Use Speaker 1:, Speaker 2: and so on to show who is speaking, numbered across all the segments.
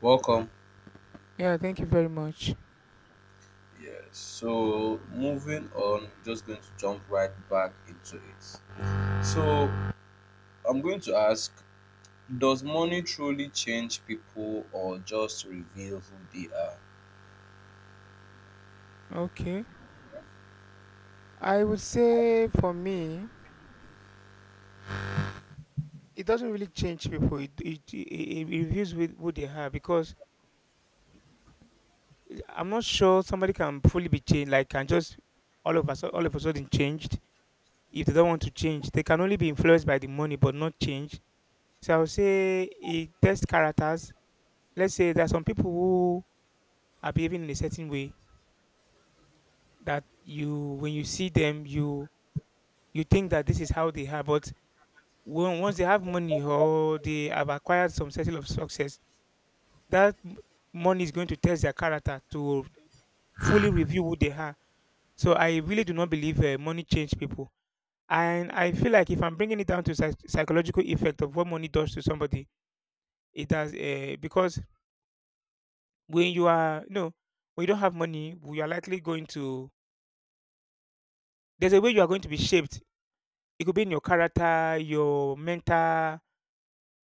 Speaker 1: Welcome.
Speaker 2: Yeah, thank you very much.
Speaker 1: Yes. So moving on, just going to jump right back into it. So I'm going to ask, does money truly change people or just reveal who they are?
Speaker 2: Okay. I would say for me, it doesn't really change people. It reveals with who they are because I'm not sure somebody can fully be changed, like can just all of us all of a sudden changed. If they don't want to change, they can only be influenced by the money but not change. So I would say it tests characters. Let's say there are some people who are behaving in a certain way that you when you see them you think that this is how they are, but when once they have money or they have acquired some settle of success, that m- money is going to test their character to fully review who they are. So I really do not believe money change people. And I feel like if I'm bringing it down to psychological effect of what money does to somebody, it does because when you are know when you don't have money, you are likely going to there's a way you are going to be shaped. It could be in your character, your mental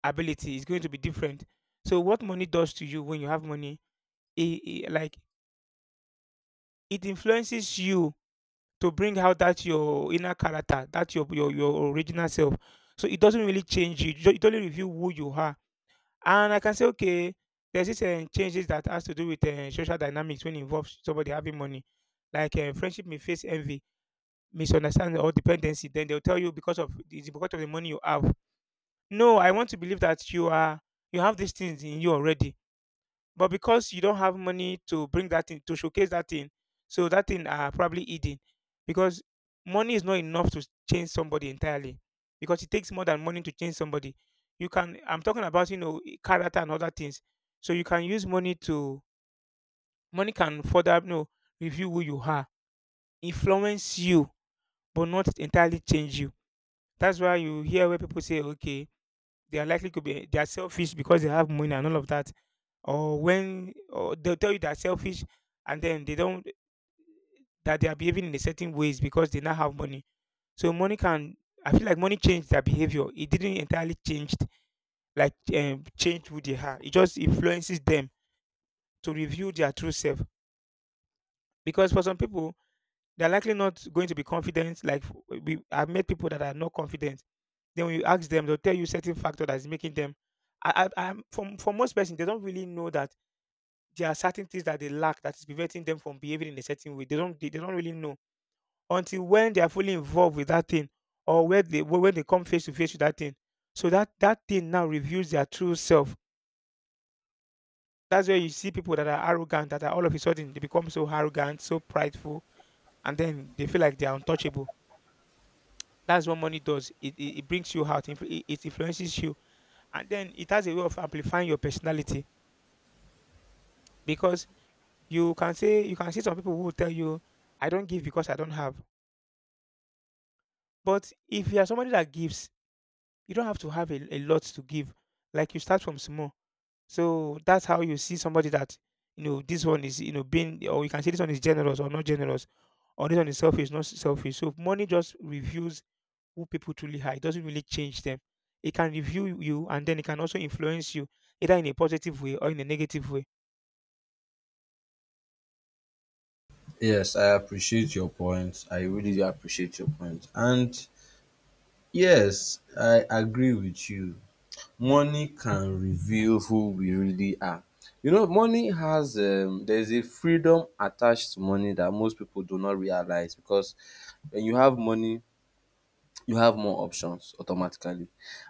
Speaker 2: ability is going to be different. So what money does to you when you have money it, like it influences you to bring out that your inner character, that your original self. So it doesn't really change you. It only reveal who you are. And I can say, okay, there's this changes that has to do with social dynamics when it involves somebody having money. Like friendship may face envy, misunderstanding, or dependency. Then they'll tell you because of it's because of the money you have. No, I want to believe that you are you have these things in you already but because you don't have money to bring that thing to showcase that thing so that thing are probably eating, because money is not enough to change somebody entirely because it takes more than money to change somebody you can I'm talking about you know character and other things so you can use money to money can further you know review who you are influence you but not entirely change you that's why you hear where people say okay they are likely to be they are selfish because they have money and all of that or when or they'll tell you they're selfish and then they don't that they are behaving in a certain ways because they now have money so money can I feel like money changed their behavior it didn't entirely changed like change who they are it just influences them to reveal their true self because for some people they're likely not going to be confident like we I've met people that are not confident then when you ask them they'll tell you certain factor that's making them for most person they don't really know that there are certain things that they lack that is preventing them from behaving in a certain way. They don't they don't really know until when they are fully involved with that thing or where they when they come face to face with that thing. So that thing now reveals their true self. That's where you see people that are arrogant that are all of a sudden they become so arrogant, so prideful, and then they feel like they are untouchable. That's what money does. It brings you out. It influences you, and then it has a way of amplifying your personality because you can say you can see some people who will tell you, "I don't give because I don't have." But if you are somebody that gives, you don't have to have a lot to give. Like you start from small. So that's how you see somebody that, you know, this one is, you know, being, or you can say this one is generous or not generous, or this one is selfish, not selfish. So money just reveals who people truly are. It doesn't really change them. It can review you and then it can also influence you either in a positive way or in a negative way.
Speaker 1: Yes, I appreciate your point. I really do appreciate your point. And yes, I agree with you. Money can reveal who we really are. You know, money has there's a freedom attached to money that most people do not realize, because when you have money, you have more options automatically,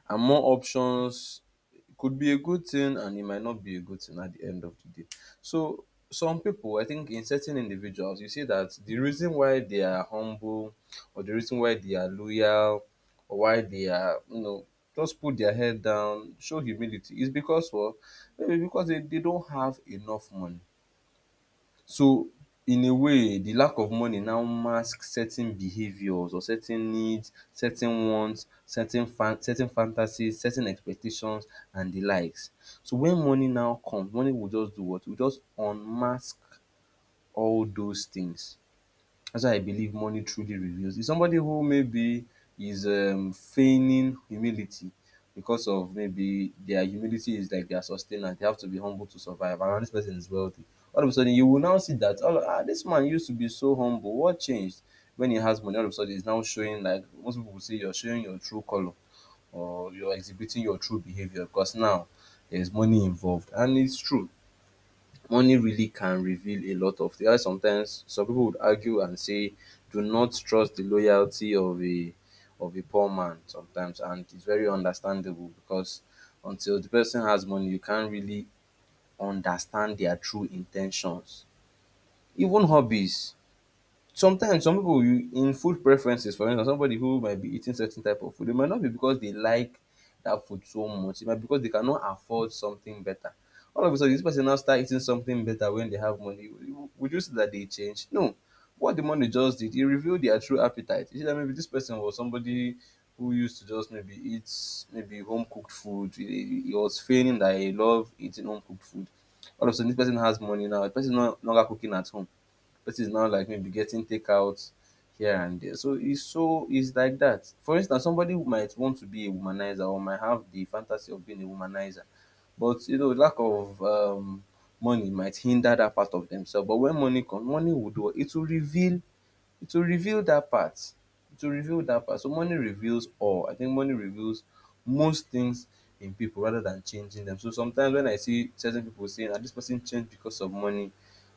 Speaker 1: and more options, it could be a good thing and it might not be a good thing at the end of the day. So some people, I think in certain individuals, you see that the reason why they are humble, or the reason why they are loyal, or why they are, just put their head down, show humility, is because, well, maybe because they don't have enough money. So in a way, the lack of money now mask certain behaviours or certain needs, certain wants, certain fantasies, certain expectations and the likes. So when money now comes, money will just do what? It will just unmask all those things. That's why I believe money truly reveals. It's somebody who maybe is feigning humility, because of, maybe their humility is like their sustainer. They have to be humble to survive. And this person is wealthy. All of a sudden, you will now see that this man used to be so humble. What changed when he has money? All of a sudden, he's now showing, like most people will say, you're showing your true color, or you're exhibiting your true behavior, because now there's money involved, and it's true. Money really can reveal a lot of things. That's why sometimes some people would argue and say, do not trust the loyalty of a poor man sometimes, and it's very understandable, because until the person has money, you can't really understand their true in ten tions. Even hobbies. Sometimes some people, you, in food preferences, for instance, somebody who might be eating certain type of food, it might not be because they like that food so much, it might be because they cannot afford something better. All of a sudden this person now start eating something better when they have money. W- would you say that they change? No. What the money just did, it revealed their true appetite. You see that maybe this person was somebody who used to just maybe eat maybe home cooked food. He was feigning that he loved eating home cooked food. All of a sudden, this person has money now. The person no longer cooking at home, person is now like maybe getting takeout here and there. So it's, so it's like that. For instance, somebody who might want to be a womanizer or might have the fantasy of being a womanizer, but you know, lack of money might hinder that part of themselves. But when money comes, money will do it. It will reveal that part. It will reveal that part. So money reveals all. I think money reveals most things in people rather than changing them. So sometimes when I see certain people saying that this person changed because of money,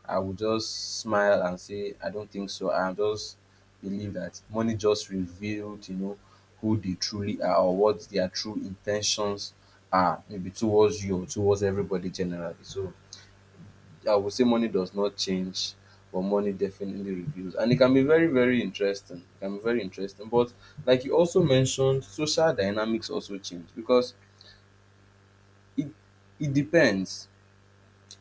Speaker 1: I would just smile and say, I don't think so. I just believe that money just revealed, you know, who they truly are, or what their true intentions are, maybe towards you or towards everybody generally. So I would say money does not change, but money definitely reveals. And it can be very, very interesting. It can be very interesting. But like you also mentioned, social dynamics also change, because it it depends.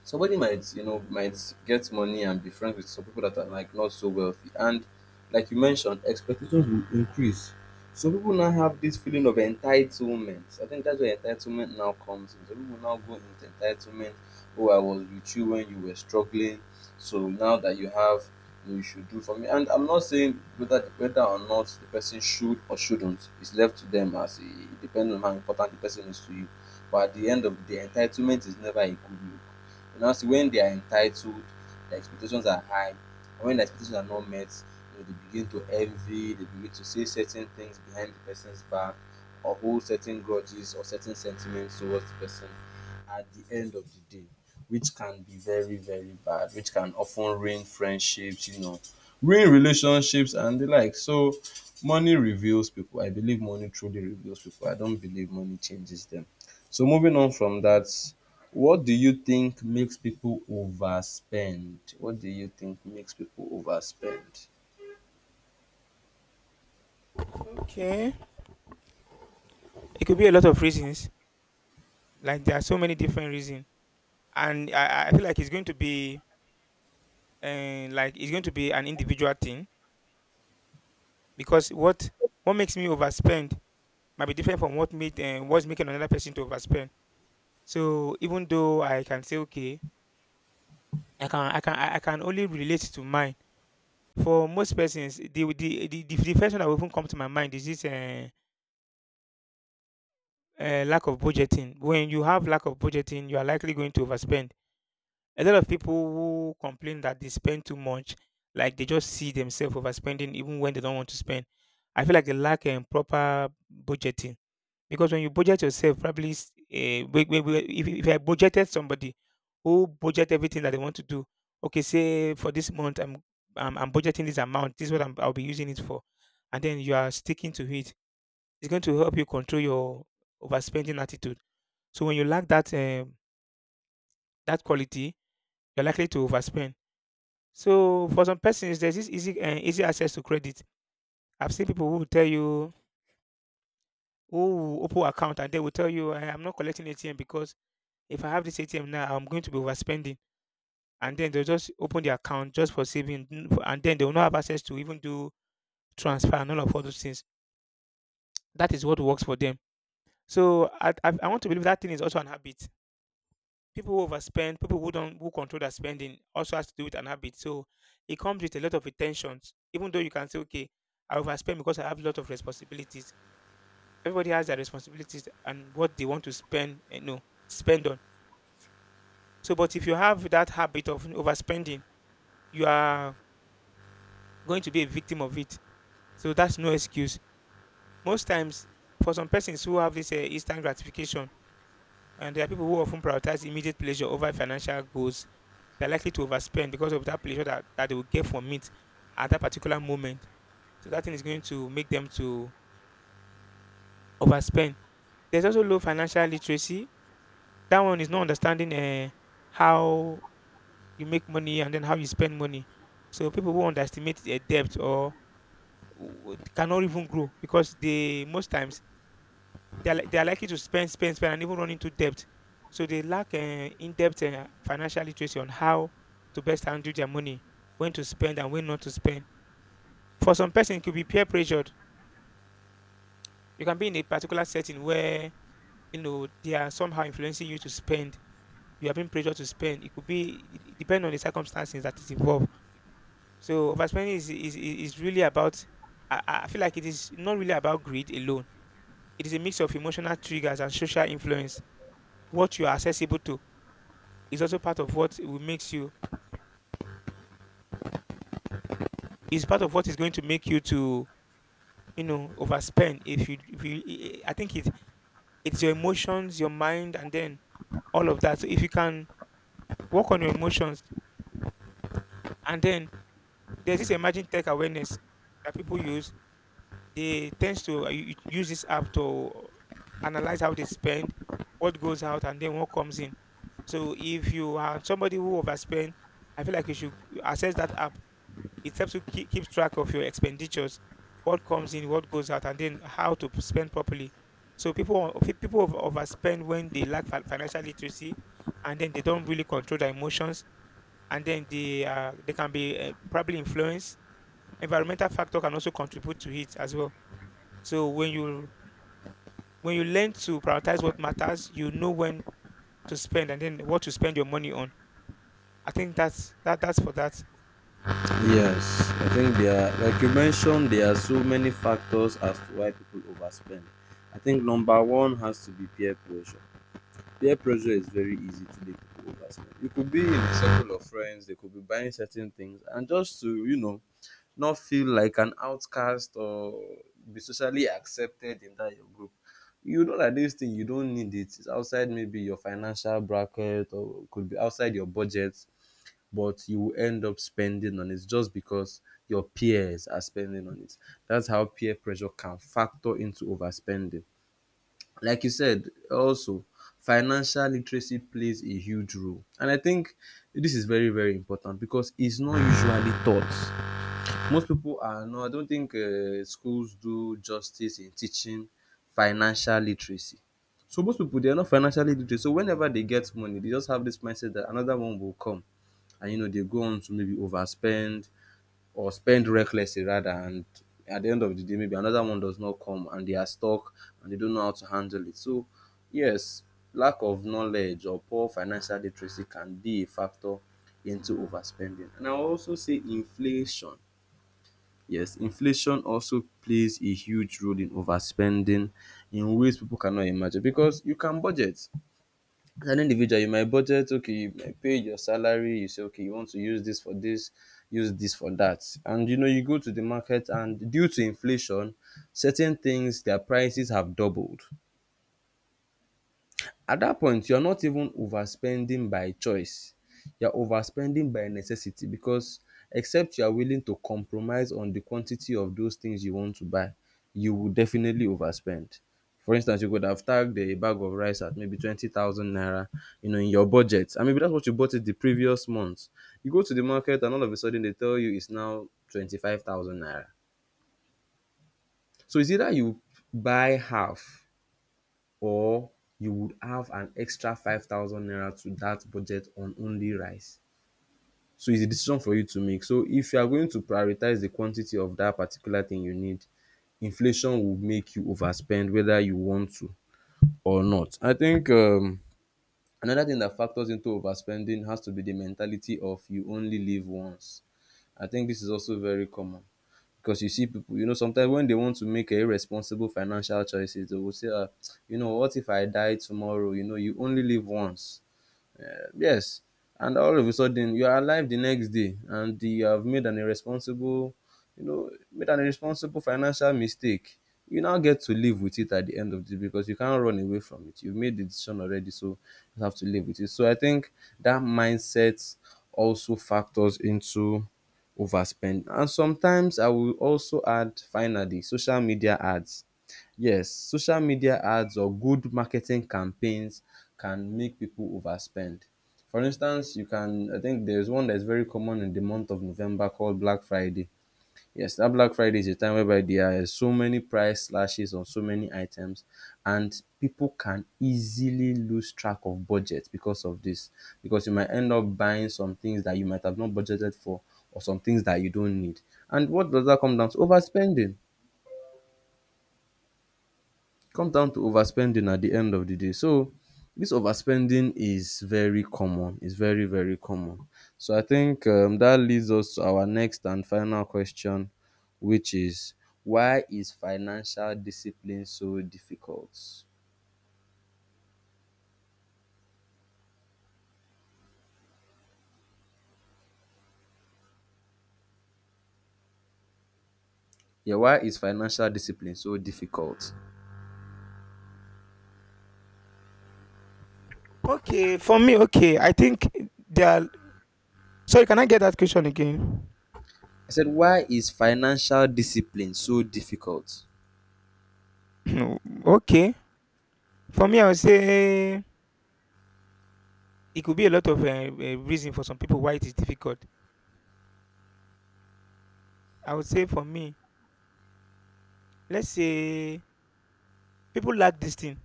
Speaker 1: Somebody might, you know, might get money and be friends with some people that are like not so wealthy. And like you mentioned, expectations will increase. Some people now have this feeling of entitlement. I think that's where entitlement now comes in. Some people now go into entitlement. Oh, I was with you when you were struggling. So now that you have, you should do for me. And I'm not saying whether or not the person should or shouldn't. It's left to them, as it depends on how important the person is to you. But at the end of the day, entitlement is never a good look. You know, see, when they are entitled, the expectations are high. And when the expectations are not met, you know, they begin to envy, they begin to say certain things behind the person's back, or hold certain grudges or certain sentiments towards the person at the end of the day, which can be very, very bad, which can often ruin friendships, you know, ruin relationships and the like. So money reveals people. I believe money truly reveals people. I don't believe money changes them. So moving on from that, what do you think makes people overspend? What do you think makes people overspend?
Speaker 2: Okay. It could be a lot of reasons. Like there are so many different reasons. And I feel like it's going to be like it's going to be an individual thing because what makes me overspend might be different from what made what's making another person to overspend. So even though I can say okay, I can only relate to mine. For most persons, the first one that will even come to my mind is this lack of budgeting. When you have lack of budgeting, you are likely going to overspend. A lot of people who complain that they spend too much, like they just see themselves overspending even when they don't want to spend. I feel like they lack proper budgeting. Because when you budget yourself, probably s- eh, we- if I budgeted somebody who budget everything that they want to do, okay, say for this month I'm budgeting this amount. This is what I'll be using it for, and then you are sticking to it. It's going to help you control your overspending attitude. So when you lack that that quality, you're likely to overspend. So for some persons, there's this easy access to credit. I've seen people who will tell you who will open account and they will tell you, "Eh, I'm not collecting ATM because if I have this ATM now, I'm going to be overspending." And then they'll just open the account just for saving. And then they will not have access to even do transfer and all of all those things. That is what works for them. So I want to believe that thing is also an habit. People who overspend, people who don't who control their spending also has to do with an habit. So it comes with a lot of intentions. Even though you can say, okay, I overspend because I have a lot of responsibilities. Everybody has their responsibilities and what they want to spend, you know, spend on. So, but if you have that habit of overspending, you are going to be a victim of it. So that's no excuse. Most times, for some persons who have this instant gratification, and there are people who often prioritize immediate pleasure over financial goals, they're likely to overspend because of that pleasure that they will get from it at that particular moment. So that thing is going to make them to overspend. There's also low financial literacy. That one is not understanding how you make money and then how you spend money. So people who underestimate their debt or w- cannot even grow because they most times they are, they are likely to spend, spend, spend, and even run into debt. So they lack in-depth financial literacy on how to best handle their money, when to spend and when not to spend. For some person, it could be peer pressured. You can be in a particular setting where you know they are somehow influencing you to spend. You are being pressured to spend. It could be it depend on the circumstances that is involved. So is really about. I feel like it is not really about greed alone. It is a mix of emotional triggers and social influence. What you are accessible to is also part of what will makes you is part of what is going to make you to you know overspend if you I think it's your emotions your mind and then all of that so if you can work on your emotions and then there's this emerging tech awareness that people use they tends to use this app to analyze how they spend what goes out and then what comes in so if you are somebody who overspend I feel like you should access that app. It helps you keep track of your expenditures, what comes in, what goes out, and then how to spend properly. So overspend when they financial literacy, and then they don't really control their emotions, and then they can be probably influenced. Environmental factor can also contribute to it as well. So when you learn to prioritize what matters, you know when to spend and then what to spend your money on. I think that's for that.
Speaker 1: Yes, I think there are, like you mentioned, there are so many factors as to why people overspend. I think number one has to be peer pressure. Peer pressure is very easy to make people overspend. You could be in a circle of friends, they could be buying certain things, and just to, you know, not feel like an outcast, or be socially accepted in that your group. You know that this thing, you don't need it. It's outside maybe your financial bracket, or could be outside your budget, but you will end up spending on it just because your peers are spending on it. That's how peer pressure can factor into overspending. Like you said, also, financial literacy plays a huge role, and I think this is very, very important, because it's not usually taught. Most people are, I don't think schools do justice in teaching financial literacy. So most people, they are not financially literate, so whenever they get money, they just have this mindset that another one will come, and you know, they go on to maybe overspend, or spend recklessly rather. And at the end of the day, maybe another one does not come and they are stuck, and they don't know how to handle it. So yes, lack of knowledge or poor financial literacy can be a factor into overspending. And I will also say inflation. Yes, inflation also plays a huge role in overspending, in ways people cannot imagine, because you can budget as an individual. You might budget, okay, you might pay your salary, you say, okay, you want to use this for this, use this for that, and you know, you go to the market, and due to inflation, certain things, their prices have doubled. At that point, you are not even overspending by choice. You are overspending by necessity, because except you are willing to compromise on the quantity of those things you want to buy, you will definitely overspend. For instance, you could have tagged a bag of rice at maybe 20,000 naira, you know, in your budget. And maybe that's what you bought it the previous month. You go to the market and all of a sudden, they tell you it's now 25,000 naira. So it's either you buy half, or you would have an extra 5,000 naira to that budget on only rice. So it's a decision for you to make. So if you are going to prioritize the quantity of that particular thing you need, inflation will make you overspend whether you want to or not. I think Another thing that factors into overspending has to be the mentality of you only live once. I think this is also very common, because you see people, you know, sometimes when they want to make a irresponsible financial choices, they will say, ah, you know, what if I die tomorrow? You know, you only live once. Yes, and all of a sudden you are alive the next day, and you have made an irresponsible financial mistake. You now get to live with it at the end of the day, because you can't run away from it. You've made the decision already, so you have to live with it. So I think that mindset also factors into overspend. And sometimes I will also add, finally, social media ads. Yes, social media ads or good marketing campaigns can make people overspend. For instance, you can, I think there's one that's very common in the month of November called Black Friday. Yes, that Black Friday is a time whereby there are so many price slashes on so many items, and people can easily lose track of budget because of this. Because you might end up buying some things that you might have not budgeted for, or some things that you don't need. And what does that come down to? Overspending. Come down to overspending at the end of the day. So this overspending is very common. It's very, very common. So I think that leads us to our next and final question, which is, why is financial discipline so difficult? Yeah, why is financial discipline so difficult?
Speaker 2: Okay, for me, okay. I think there are sorry, can I get that question again?
Speaker 1: I said, why is financial discipline so difficult?
Speaker 2: Okay. For me, I would say it could be a lot of reason for some people why it is difficult. I would say for me, let's say people like this thing.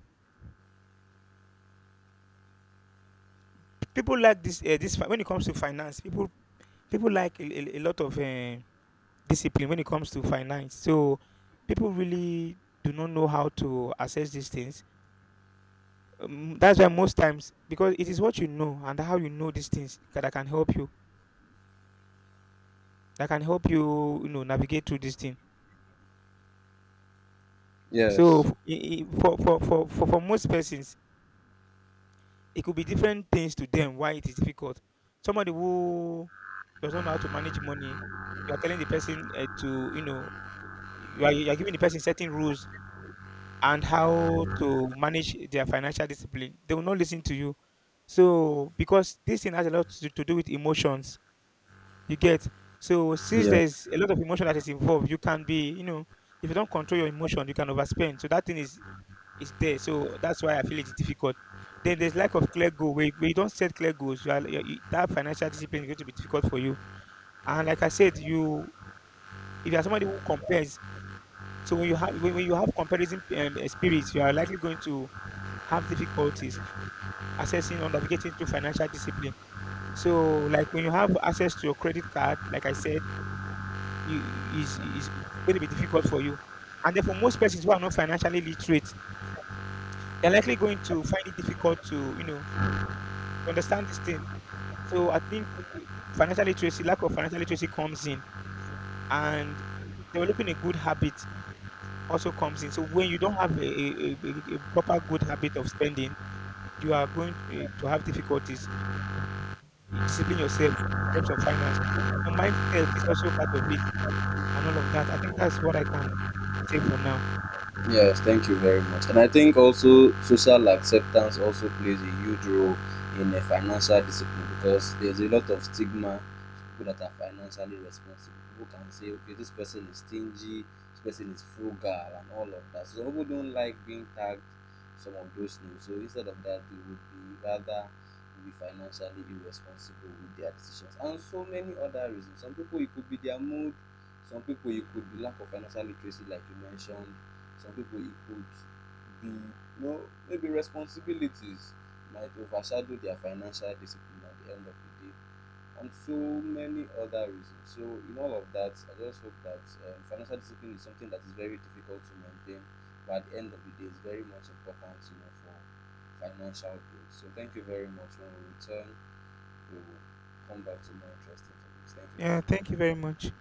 Speaker 2: People like this. When it comes to finance, people like a lot of discipline when it comes to finance. So people really do not know how to assess these things. That's why most times because it is what you know and how you know these things that can help you. That can help you, you know, navigate through this thing. So
Speaker 1: Yes.
Speaker 2: for most persons, it could be different things to them why it is difficult. Somebody who does not know how to manage money, you are telling the person to, you know, you are giving the person certain rules and how to manage their financial discipline. They will not listen to you. So, because this thing has a lot to do with emotions, you get. So, since
Speaker 1: Yeah.
Speaker 2: there's a lot of emotion that is involved, you can be, you know, if you don't control your emotion, you can overspend. So, that thing is there. So that's why I feel it's difficult. Then there's lack of clear goal. Where you don't set clear goals, you are, you- that financial discipline is going to be difficult for you. And like I said, you if you are somebody who compares, so when you have when you have comparison spirits, you are likely going to have difficulties accessing or navigating through financial discipline. So like when you have access to your credit card, like I said, you, is going to be difficult for you. And therefore, most persons who are not financially literate, they're likely going to find it difficult to you know understand this thing. So I think financial literacy, lack of financial literacy comes in, and developing a good habit also comes in. So when you don't have a proper good habit of spending, you are going to, to have difficulties discipline yourself in terms of finance. So mindset is also part of it, and all of that. I think that's what I can say for now.
Speaker 1: Yes, thank you very much. And I think also social acceptance also plays a huge role in a financial discipline, because there's a lot of stigma. People that are financially responsible, people can say, okay, this person is stingy, this person is frugal, and all of that. So some people don't like being tagged some of those names. So instead of that, they would be rather be financially irresponsible with their decisions, and so many other reasons. Some people, it could be their mood. Some people, it could be lack of financial literacy, like you mentioned. Some people, it could be, you know, maybe responsibilities might overshadow their financial discipline at the end of the day, and so many other reasons. So in all of that, I just hope that financial discipline is something that is very difficult to maintain, but at the end of the day, it's very much important, you know, for financial growth. So thank you very much. When we return, we will come back to more interesting topics. Thank you very
Speaker 2: Yeah, thank you
Speaker 1: much.
Speaker 2: very much.